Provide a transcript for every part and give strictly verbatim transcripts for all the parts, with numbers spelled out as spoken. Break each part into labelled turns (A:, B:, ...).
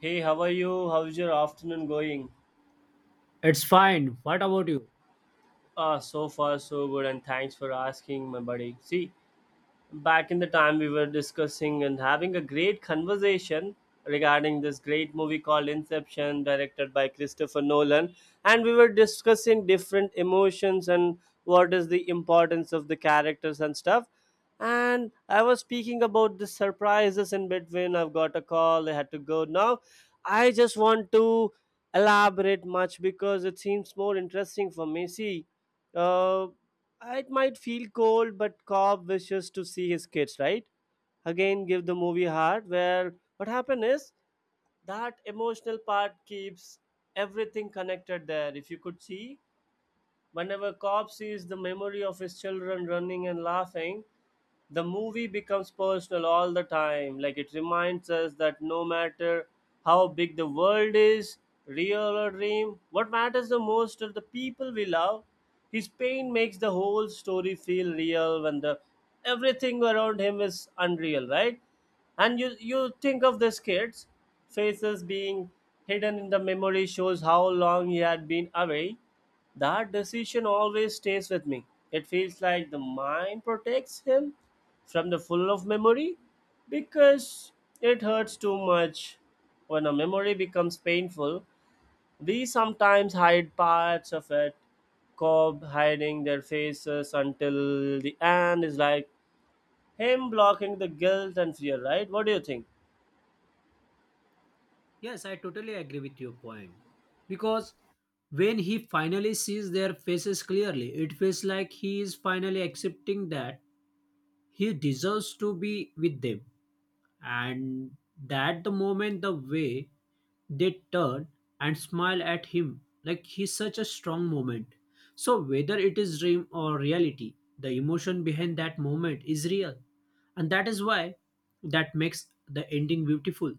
A: Hey, how are you? How's your afternoon going?
B: It's fine. What about you?
A: Ah, so far so good, and thanks for asking, my buddy. See, back in the time we were discussing and having a great conversation regarding this great movie called Inception, directed by Christopher Nolan. And we were discussing different emotions and what is the importance of the characters and stuff. And I was speaking about the surprises in between. I've got a call, I had to go now. I just want to elaborate much because it seems more interesting for me. See, uh, it might feel cold, but Cobb wishes to see his kids, right? Again, give the movie heart. Where what happened is that emotional part keeps everything connected there. If you could see, whenever Cobb sees the memory of his children running and laughing, the movie becomes personal all the time, like it reminds us that no matter how big the world is, real or dream, what matters the most are the people we love. His pain makes the whole story feel real when the everything around him is unreal, right? And you you think of this kid's faces being hidden in the memory shows how long he had been away. That decision always stays with me. It feels like the mind protects him from the full of memory because it hurts too much. When a memory becomes painful, we sometimes hide parts of it. Cobb hiding their faces until the end is like him blocking the guilt and fear, right? What do you think?
B: Yes, I totally agree with your point. Because when he finally sees their faces clearly, it feels like he is finally accepting that he deserves to be with them. And that the moment, the way they turn and smile at him, like, he's such a strong moment. So, whether it is dream or reality, the emotion behind that moment is real. And that is why that makes the ending beautiful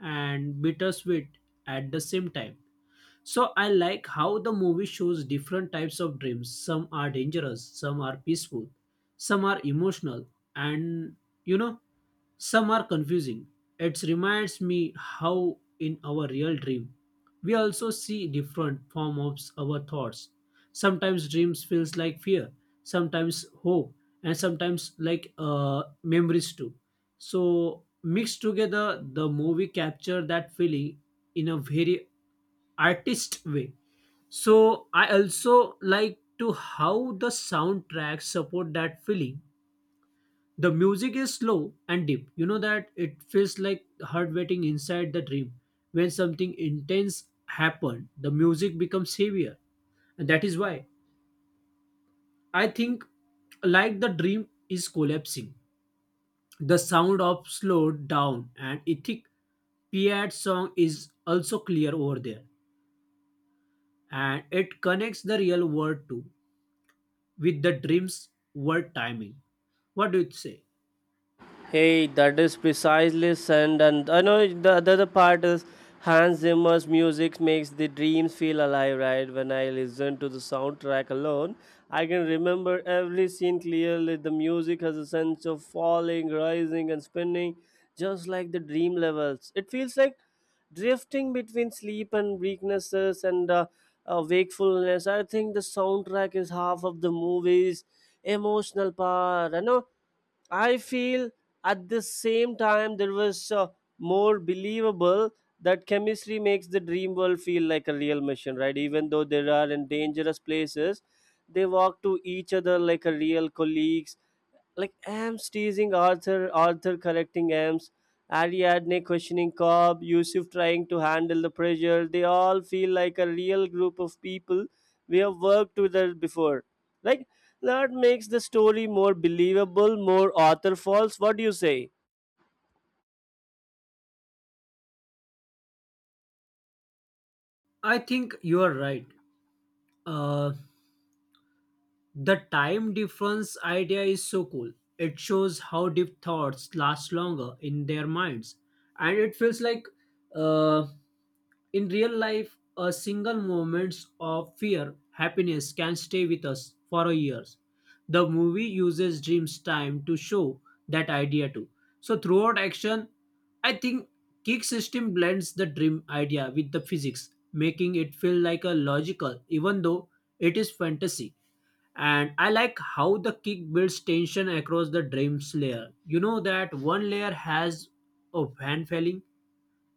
B: and bittersweet at the same time. So I like how the movie shows different types of dreams. Some are dangerous, some are peaceful, some are emotional, and you know some are confusing. It reminds me how in our real dream we also see different form of our thoughts. Sometimes dreams feels like fear, sometimes hope, and sometimes like uh, memories too. So mixed together, the movie capture that feeling in a very artist way. So I also like to how the soundtrack support that feeling, the music is slow and deep. You know that it feels like heart waiting inside the dream. When something intense happened, the music becomes heavier. And that is why I think like the dream is collapsing. The sound of slowed down and ethic Piat song is also clear over there. And it connects the real world too with the dream's word timing. What do you say?
A: Hey, that is precisely sand, and I know the, the other part is Hans Zimmer's music makes the dreams feel alive, right? When I listen to the soundtrack alone, I can remember every scene clearly. The music has a sense of falling, rising, and spinning, just like the dream levels. It feels like drifting between sleep and weaknesses and uh, uh, wakefulness. I think the soundtrack is half of the movie's emotional power. You know, I feel at the same time there was uh, more believable, that chemistry makes the dream world feel like a real mission, right? Even though they are in dangerous places, they walk to each other like a real colleagues, like Ames teasing Arthur, Arthur correcting Ames, Ariadne questioning Cobb, Yusuf trying to handle the pressure. They all feel like a real group of people we have worked with her before. Like that makes the story more believable, more author false. What do you say?
B: I think you are right. Uh, The time difference idea is so cool. It shows how deep thoughts last longer in their minds. And it feels like uh, in real life, a single moment of fear, happiness can stay with us for years. The movie uses dreams time to show that idea too. So throughout action, I think Kick System blends the dream idea with the physics, making it feel like a logical, even though it is fantasy. And I like how the kick builds tension across the dreams layer. You know that one layer has a fan failing,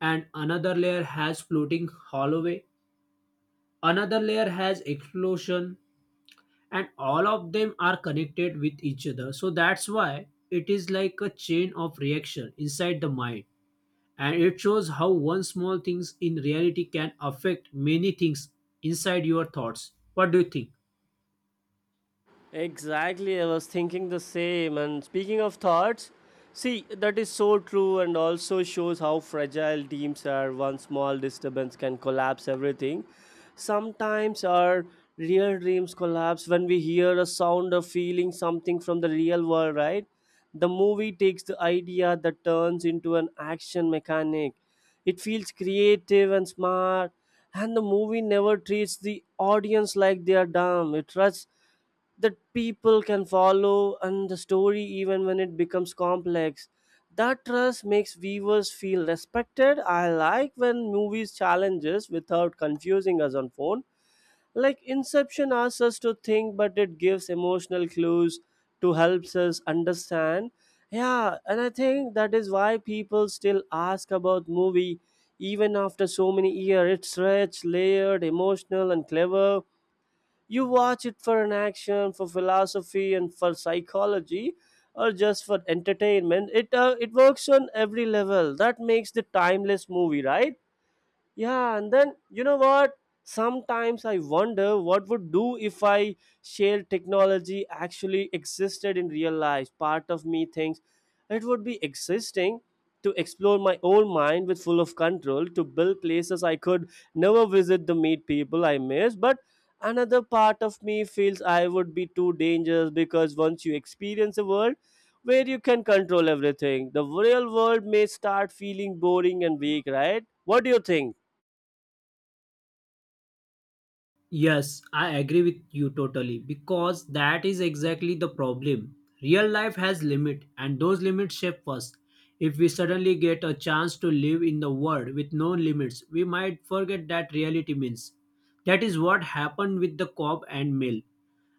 B: and another layer has floating holloway, another layer has explosion, and all of them are connected with each other, so that's why it is like a chain of reaction inside the mind. And it shows how one small things in reality can affect many things inside your thoughts. What do you think?
A: Exactly, I was thinking the same. And speaking of thoughts, see, that is so true and also shows how fragile teams are. One small disturbance can collapse everything. Sometimes our real dreams collapse when we hear a sound or feeling something from the real world, right? The movie takes the idea that turns into an action mechanic. It feels creative and smart, and the movie never treats the audience like they are dumb. It trusts that people can follow and the story even when it becomes complex. That trust makes viewers feel respected. I like when movies challenges without confusing us on phone, like Inception asks us to think, but it gives emotional clues to helps us understand. Yeah, and I think that is why people still ask about movie even after so many years. It's rich, layered, emotional and clever. You watch it for an action, for philosophy, and for psychology, or just for entertainment. It uh, it works on every level. That makes the timeless movie, right? Yeah, and then you know what? Sometimes I wonder what would do if I shared technology actually existed in real life. Part of me thinks it would be existing to explore my own mind with full of control, to build places I could never visit, to meet people I miss. But another part of me feels I would be too dangerous because once you experience a world where you can control everything, the real world may start feeling boring and weak, right? What do you think?
B: Yes, I agree with you totally because that is exactly the problem. Real life has limit and those limits shape us. If we suddenly get a chance to live in the world with no limits, we might forget that reality means. That is what happened with the Cobb and Mill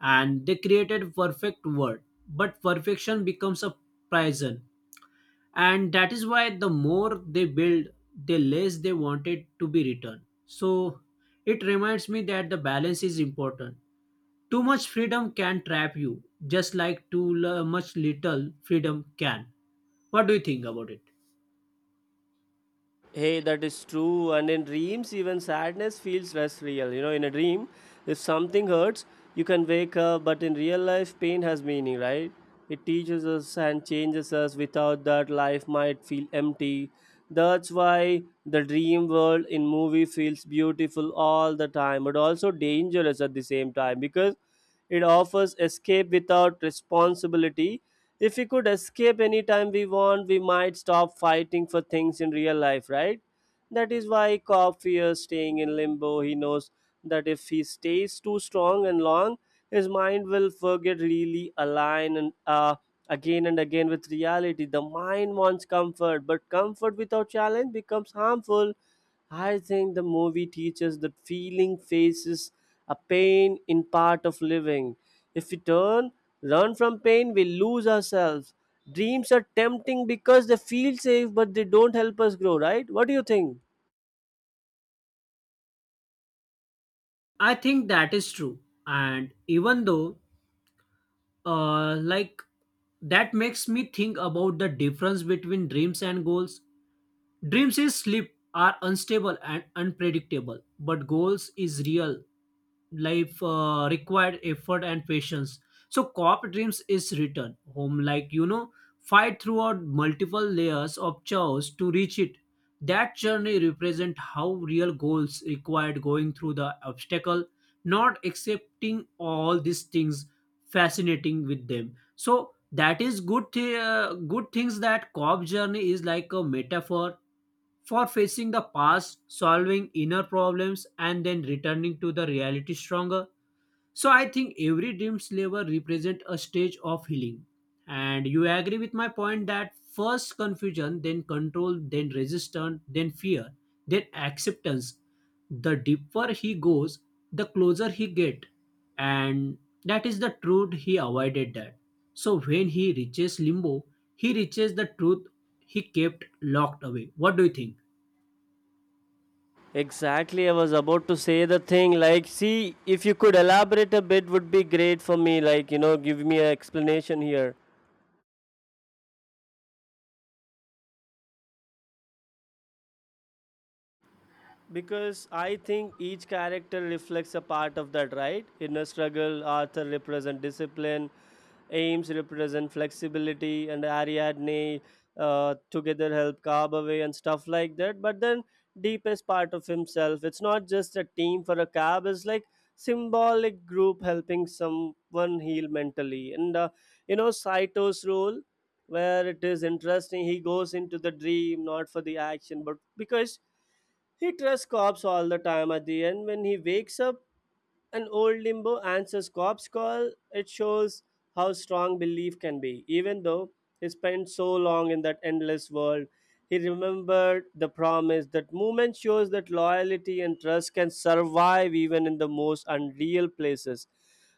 B: and they created perfect world, but perfection becomes a prison. And that is why the more they build, the less they want it to be returned. So it reminds me that the balance is important. Too much freedom can trap you just like too l- much little freedom can. What do you think about it?
A: Hey, that is true. And in dreams, even sadness feels less real. You know, in a dream, if something hurts, you can wake up, but in real life, pain has meaning, right? It teaches us and changes us. Without that, life might feel empty. That's why the dream world in movie feels beautiful all the time, but also dangerous at the same time because it offers escape without responsibility. If we could escape anytime we want, we might stop fighting for things in real life, right? That is why Cobb fears staying in limbo. He knows that if he stays too strong and long, his mind will forget really align and uh, again and again with reality. The mind wants comfort, but comfort without challenge becomes harmful. I think the movie teaches that feeling faces a pain in part of living. If we turn, run from pain, we lose ourselves. Dreams are tempting because they feel safe, but they don't help us grow, right? What do you think?
B: I think that is true. And even though, uh like, that makes me think about the difference between dreams and goals. Dreams is sleep are unstable and unpredictable, but goals is real life, uh, required effort and patience. So cop dreams is written home, like, you know, fight throughout multiple layers of chaos to reach it. That journey represent how real goals required going through the obstacle, not accepting all these things, fascinating with them. So that is good thi- uh, good things that cop journey is like a metaphor for facing the past, solving inner problems, and then returning to the reality stronger. So I think every dream slaver represents a stage of healing. And you agree with my point that first confusion, then control, then resistance, then fear, then acceptance. The deeper he goes, the closer he get. And that is the truth he avoided that. So when he reaches limbo, he reaches the truth he kept locked away. What do you think?
A: Exactly, I was about to say the thing. Like, see, if you could elaborate a bit, would be great for me. Like, you know, give me an explanation here, because I think each character reflects a part of that, right? Inner struggle, Arthur represent discipline, Ames represent flexibility, and Ariadne uh, together help carve away and stuff like that. But then deepest part of himself, it's not just a team for a cab. It's like symbolic group helping someone heal mentally, and uh, you know Saito's role. Where it is interesting, he goes into the dream not for the action, but because he trusts cops all the time at the end. When he wakes up, an old limbo answers cops call. It shows how strong belief can be. Even though he spent so long in that endless world, he remembered the promise. That moment shows that loyalty and trust can survive even in the most unreal places.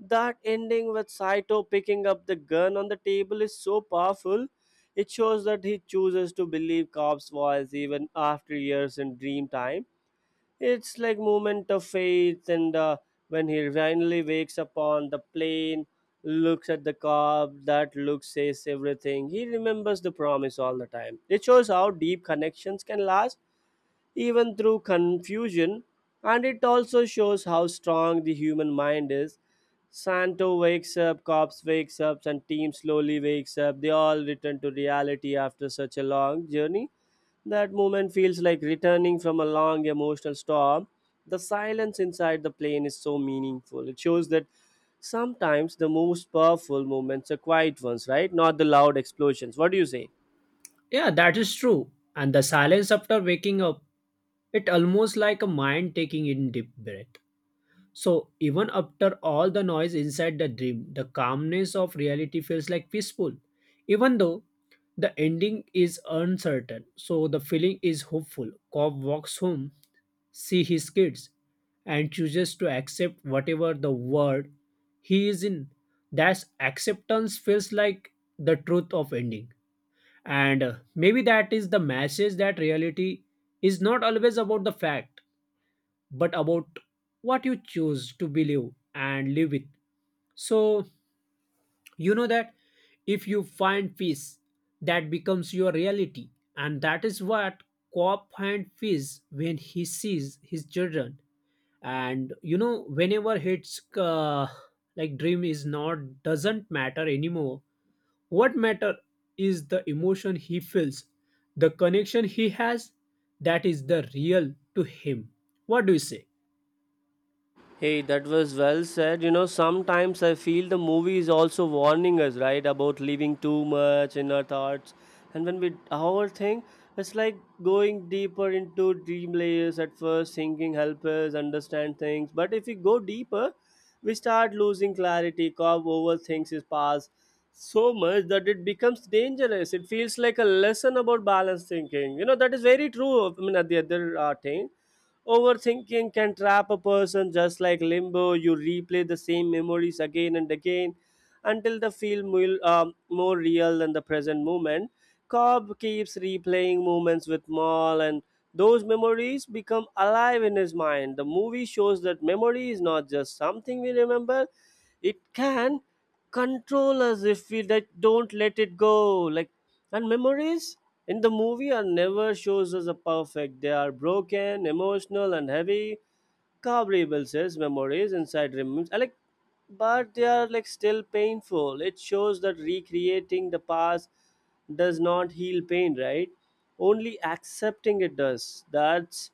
A: That ending with Saito picking up the gun on the table is so powerful. It shows that he chooses to believe Cobb's voice even after years in dream time. It's like moment of faith, and uh, when he finally wakes up on the plane, looks at the Cobb, that look says everything. He remembers the promise all the time. It shows how deep connections can last even through confusion, and it also shows how strong the human mind is. Santo wakes up, cops wakes up, and team slowly wakes up. They all return to reality after such a long journey. That moment feels like returning from a long emotional storm. The silence inside the plane is so meaningful. It shows that sometimes the most powerful moments are quiet ones, right? Not the loud explosions. What do you say?
B: Yeah, that is true. And the silence after waking up, it almost like a mind taking in deep breath. So even after all the noise inside the dream, the calmness of reality feels like peaceful. Even though the ending is uncertain, so the feeling is hopeful. Cobb walks home, see his kids, and chooses to accept whatever the world he is in. That acceptance feels like the truth of ending. And uh, maybe that is the message that reality is not always about the fact, but about what you choose to believe and live with. So, you know that if you find peace, that becomes your reality. And that is what Cobb finds peace when he sees his children. And you know, whenever his uh, like, dream is not doesn't matter anymore, what matter is the emotion he feels, the connection he has, that is the real to him. What do you say?
A: Hey, that was well said. You know, sometimes I feel the movie is also warning us, right, about living too much in our thoughts. And when we overthink, it's like going deeper into dream layers at first, thinking help us understand things. But if we go deeper, we start losing clarity, cause overthinks is past so much that it becomes dangerous. It feels like a lesson about balanced thinking. You know, that is very true. I mean, at the other uh, thing, overthinking can trap a person just like limbo. You replay the same memories again and again until the feel will, um, more real than the present moment. Cobb keeps replaying moments with Maul, and those memories become alive in his mind. The movie shows that memory is not just something we remember, it can control us if we like, don't let it go like, and memories in the movie are never shows us a perfect, they are broken, emotional and heavy. Carbrible says memories inside remains I like, but they are like still painful. It shows that recreating the past does not heal pain, right? Only accepting it does. That's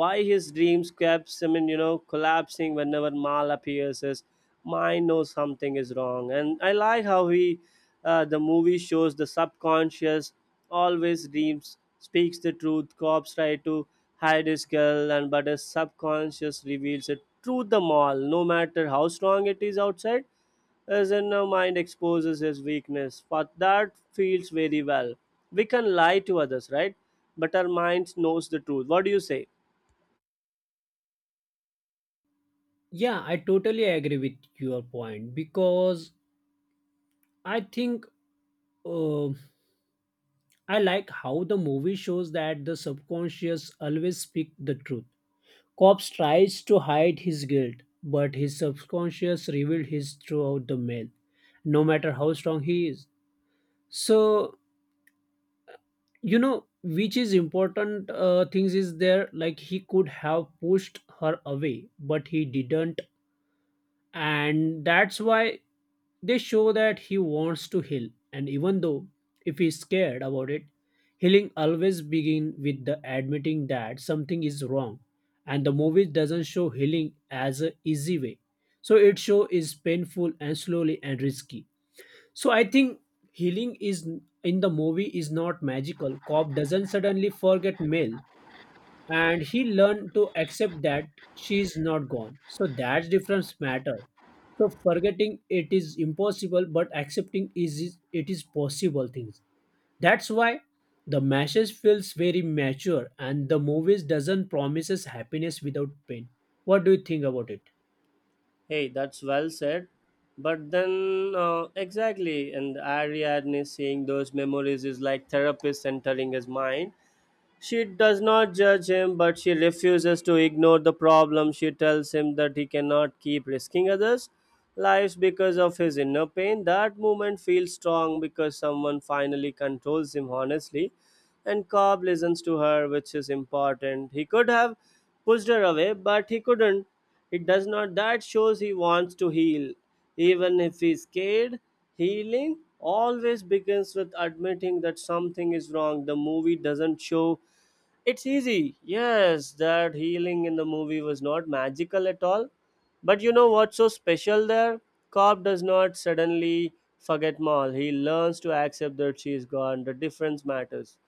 A: why his dreams kept him in, you know, collapsing. Whenever Mal appears, his mind knows something is wrong, and I like how he, uh, the movie shows the subconscious always dreams speaks the truth. Cops try to hide his girl and but his subconscious reveals it truth. The mall, no matter how strong it is outside, his our mind exposes his weakness, but that feels very well. We can lie to others, right? But our mind knows the truth. What do you say?
B: Yeah, I totally agree with your point because I think, uh, I like how the movie shows that the subconscious always speak the truth. Cops tries to hide his guilt, but his subconscious revealed his throughout the mail, no matter how strong he is. So you know which is important uh, things is there, like, he could have pushed her away but he didn't. And that's why they show that he wants to heal. And even though if he's scared about it, healing always begin with the admitting that something is wrong. And the movie doesn't show healing as a easy way. So it show is painful and slowly and risky. So I think healing is in the movie is not magical. Cobb doesn't suddenly forget Mel, and he learned to accept that she is not gone. So that's difference matter. So forgetting it is impossible, but accepting is is- it is possible things. That's why the message feels very mature, and the movies doesn't promises happiness without pain. What do you think about it?
A: Hey, that's well said. But then, uh, exactly, and Ariadne saying those memories is like therapist entering his mind. She does not judge him, but she refuses to ignore the problem. She tells him that he cannot keep risking others' lives because of his inner pain. That moment feels strong because someone finally controls him honestly, and Cobb listens to her, which is important. He could have pushed her away, but he couldn't. It does not. That shows he wants to heal, even if he's scared. Healing always begins with admitting that something is wrong. The movie doesn't show it's easy. Yes, that healing in the movie was not magical at all. But you know what's so special there? Cobb does not suddenly forget Maul. He learns to accept that she is gone. The difference matters.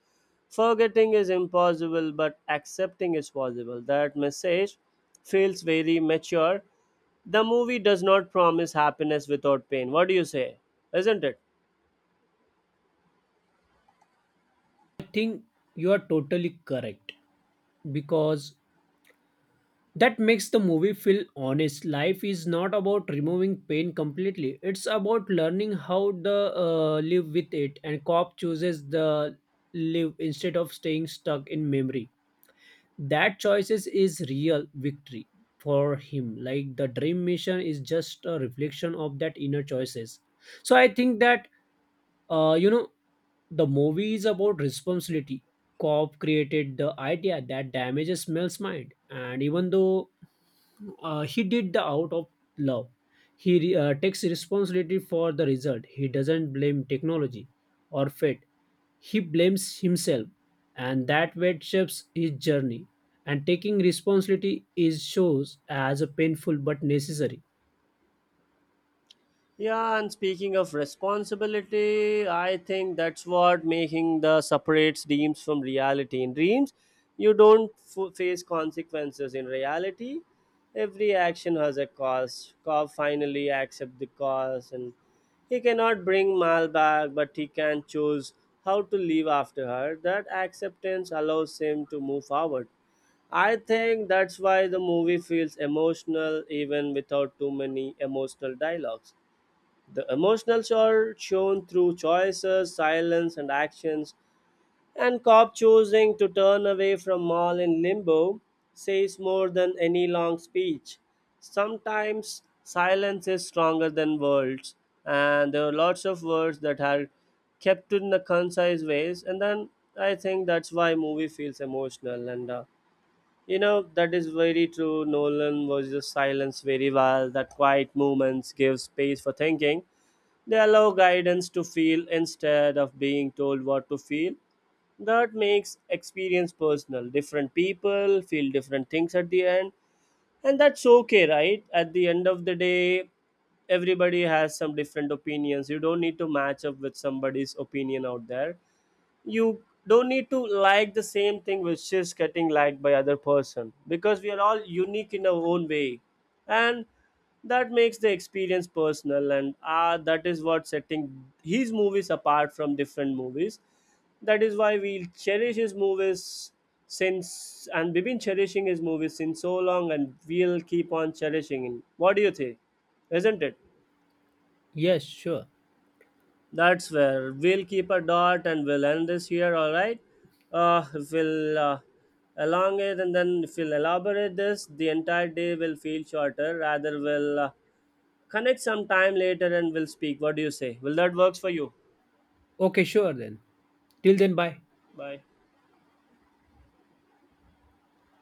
A: Forgetting is impossible, but accepting is possible. That message feels very mature. The movie does not promise happiness without pain. What do you say? Isn't it?
B: I think you are totally correct because that makes the movie feel honest. Life is not about removing pain completely, it's about learning how to uh, live with it. And cop chooses the live instead of staying stuck in memory. That choices is real victory for him, like the dream mission is just a reflection of that inner choices. So I think that, uh, you know, the movie is about responsibility. Cobb created the idea that damages Mel's mind, and even though uh, he did the out of love, he re- uh, takes responsibility for the result. He doesn't blame technology or fate. He blames himself, and that weight shapes his journey. And taking responsibility is shows as a painful but necessary.
A: Yeah, and speaking of responsibility, I think that's what making the separates dreams from reality. In dreams, you don't f- face consequences. In reality, every action has a cost. Cobb finally accept the cost, and he cannot bring Mal back, but he can choose how to live after her. That acceptance allows him to move forward. I think that's why the movie feels emotional even without too many emotional dialogues. The emotionals are shown through choices, silence, and actions, and Cobb choosing to turn away from Maul in limbo says more than any long speech. Sometimes silence is stronger than words, and there are lots of words that are kept in the concise ways, and then I think that's why movie feels emotional and. Uh, you know that is very true. Nolan was just silence very well. That quiet moments give space for thinking. They allow guidance to feel instead of being told what to feel. That makes experience personal. Different people feel different things at the end, and that's okay, right? At the end of the day, everybody has some different opinions. You don't need to match up with somebody's opinion out there. You don't need to like the same thing which is getting liked by other person, because we are all unique in our own way, and that makes the experience personal. And ah, that is what setting his movies apart from different movies. That is why we cherish his movies since, and we've been cherishing his movies since so long, and we'll keep on cherishing him. What do you think? Isn't it?
B: Yes, sure.
A: That's where we'll keep a dot and we'll end this here, all right? Uh, if we'll uh, elongate and then if we'll elaborate this, the entire day will feel shorter. Rather, we'll uh, connect some time later and we'll speak. What do you say? Will that works for you?
B: Okay, sure then. Till then, bye.
A: Bye.